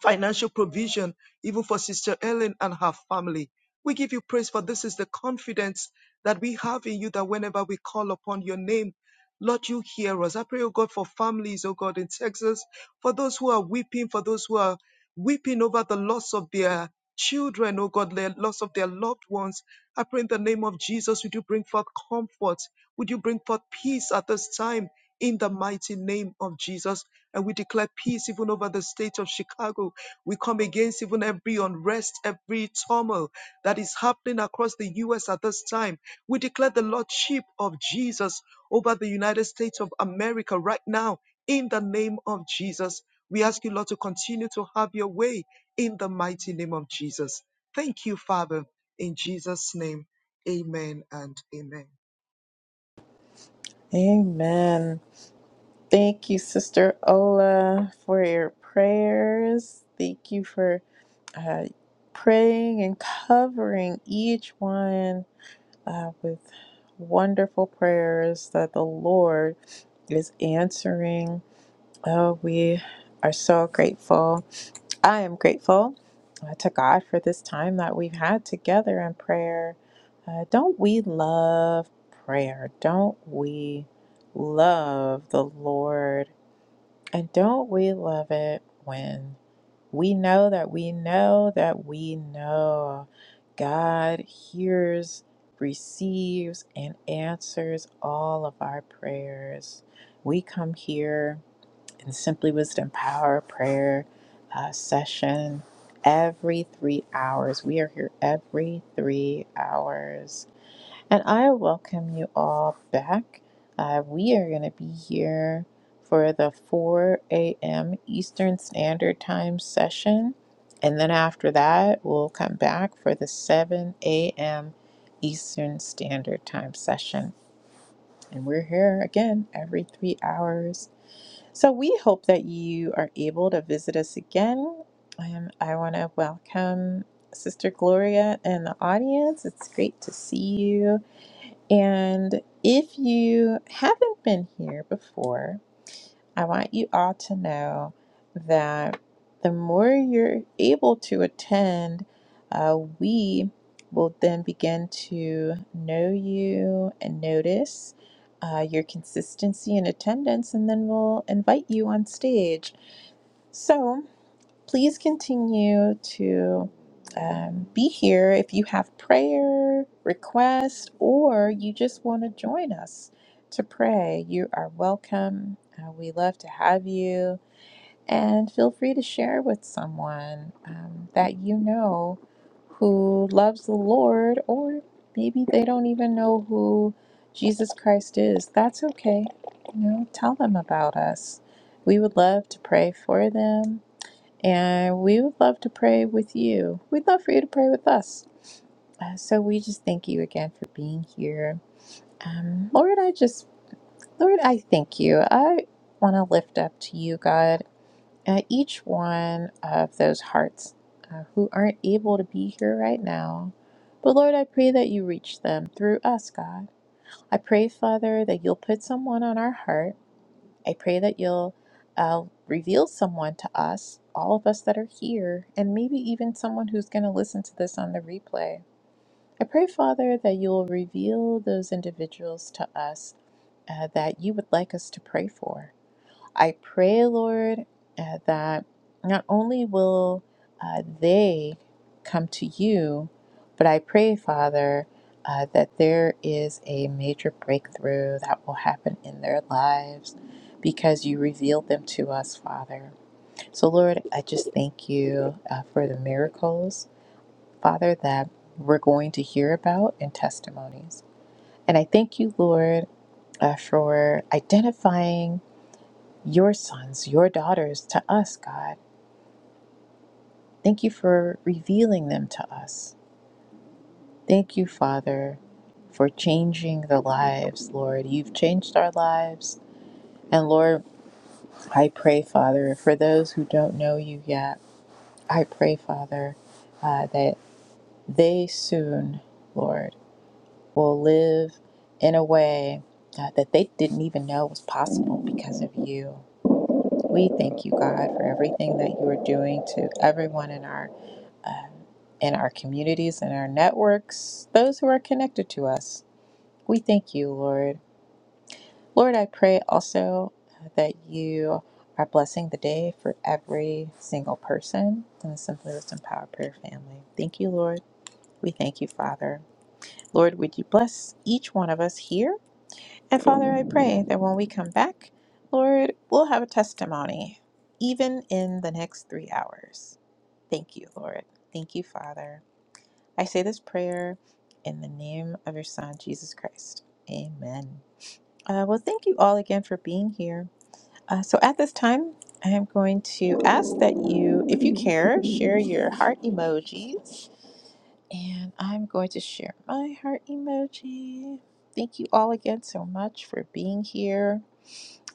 Speaker 2: financial provision, even for Sister Ellen and her family. We give you praise for this is the confidence that we have in you that whenever we call upon your name, Lord, you hear us. I pray, oh God, for families, oh God, in Texas, for those who are weeping, for those who are weeping over the loss of their children, oh God, the loss of their loved ones. I pray in the name of Jesus, would you bring forth comfort? Would you bring forth peace at this time? In the mighty name of Jesus. And we declare peace even over the state of Chicago. We come against even every unrest, every turmoil that is happening across the U.S. at this time. We declare the Lordship of Jesus over the United States of America right now in the name of Jesus. We ask you, Lord, to continue to have your way in the mighty name of Jesus. Thank you, Father, in Jesus' name. Amen and amen.
Speaker 1: Amen. Thank you, Sister Ola, for your prayers. Thank you for uh, praying and covering each one uh, with wonderful prayers that the Lord is answering. Oh, we are so grateful. I am grateful uh, to God for this time that we've had together in prayer. Uh, don't we love prayer? Don't we love the Lord? And don't we love it when we know that we know that we know God hears, receives, and answers all of our prayers? We come here and Simply Wisdom Power Prayer uh, session every three hours. We are here every three hours. And I welcome you all back. Uh, we are going to be here for the 4 a.m. Eastern Standard Time session. And then after that, we'll come back for the 7 a.m. Eastern Standard Time session. And we're here again every three hours. So we hope that you are able to visit us again. Um, I want to welcome Sister Gloria and the audience. It's great to see you. And if you haven't been here before, I want you all to know that the more you're able to attend, uh, we will then begin to know you and notice uh, your consistency in attendance, and then we'll invite you on stage. So, Please continue to um, be here if you have prayer requests or you just want to join us to pray. You are welcome. Uh, we love to have you. And feel free to share with someone um, that you know who loves the Lord, or maybe they don't even know who Jesus Christ is. That's okay. You know, tell them about us. We would love to pray for them and we would love to pray with you. We'd love for you to pray with us. Uh, so we just thank you again for being here. Um, Lord, I just, Lord, I thank you. I want to lift up to you, God, uh, each one of those hearts uh, who aren't able to be here right now. But Lord, I pray that you reach them through us, God. I pray, Father, that you'll put someone on our heart I pray that you'll uh, reveal someone to us, all of us that are here, and maybe even someone who's going to listen to this on the replay. I pray, Father, that you'll reveal those individuals to us uh, that you would like us to pray for. I pray, Lord, uh, that not only will uh, they come to you, but I pray, Father, uh, that there is a major breakthrough that will happen in their lives because you revealed them to us, Father. So, Lord, I just thank you uh, for the miracles, Father, that we're going to hear about and testimonies. And I thank you, Lord, uh, for identifying your sons, your daughters to us, God. Thank you for revealing them to us. Thank you, Father, for changing the lives, Lord. You've changed our lives. And Lord, I pray, Father, for those who don't know you yet, I pray, Father, uh, that they soon, Lord, will live in a way uh, that they didn't even know was possible because of you. We thank you, God, for everything that you are doing to everyone in our um, in our communities, in our networks, those who are connected to us. We thank you, Lord. Lord, I pray also uh, that you are blessing the day for every single person in the Simply Wisdom Power Prayer family. Thank you, Lord. We thank you, Father. Lord, would you bless each one of us here? And Father, I pray that when we come back, Lord, we'll have a testimony, even in the next three hours. Thank you, Lord. Thank you, Father. I say this prayer in the name of your Son, Jesus Christ. Amen. Uh, well, thank you all again for being here. Uh, so at this time, I am going to ask that you, if you care, share your heart emojis. And I'm going to share my heart emoji. Thank you all again so much for being here.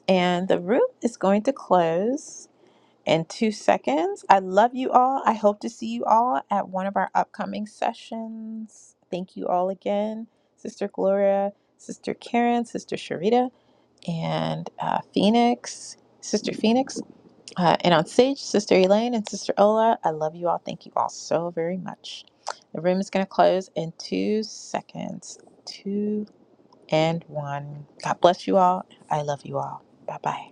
Speaker 1: And the room is going to close in two seconds. I love you all. I hope to see you all at one of our upcoming sessions. Thank you all again, Sister Gloria, Sister Karen, Sister Sharita, and uh, Phoenix, Sister Phoenix, uh, and on stage, Sister Elaine and Sister Ola. I love you all. Thank you all so very much. The room is going to close in two seconds. Two and one. God bless you all. I love you all. Bye bye.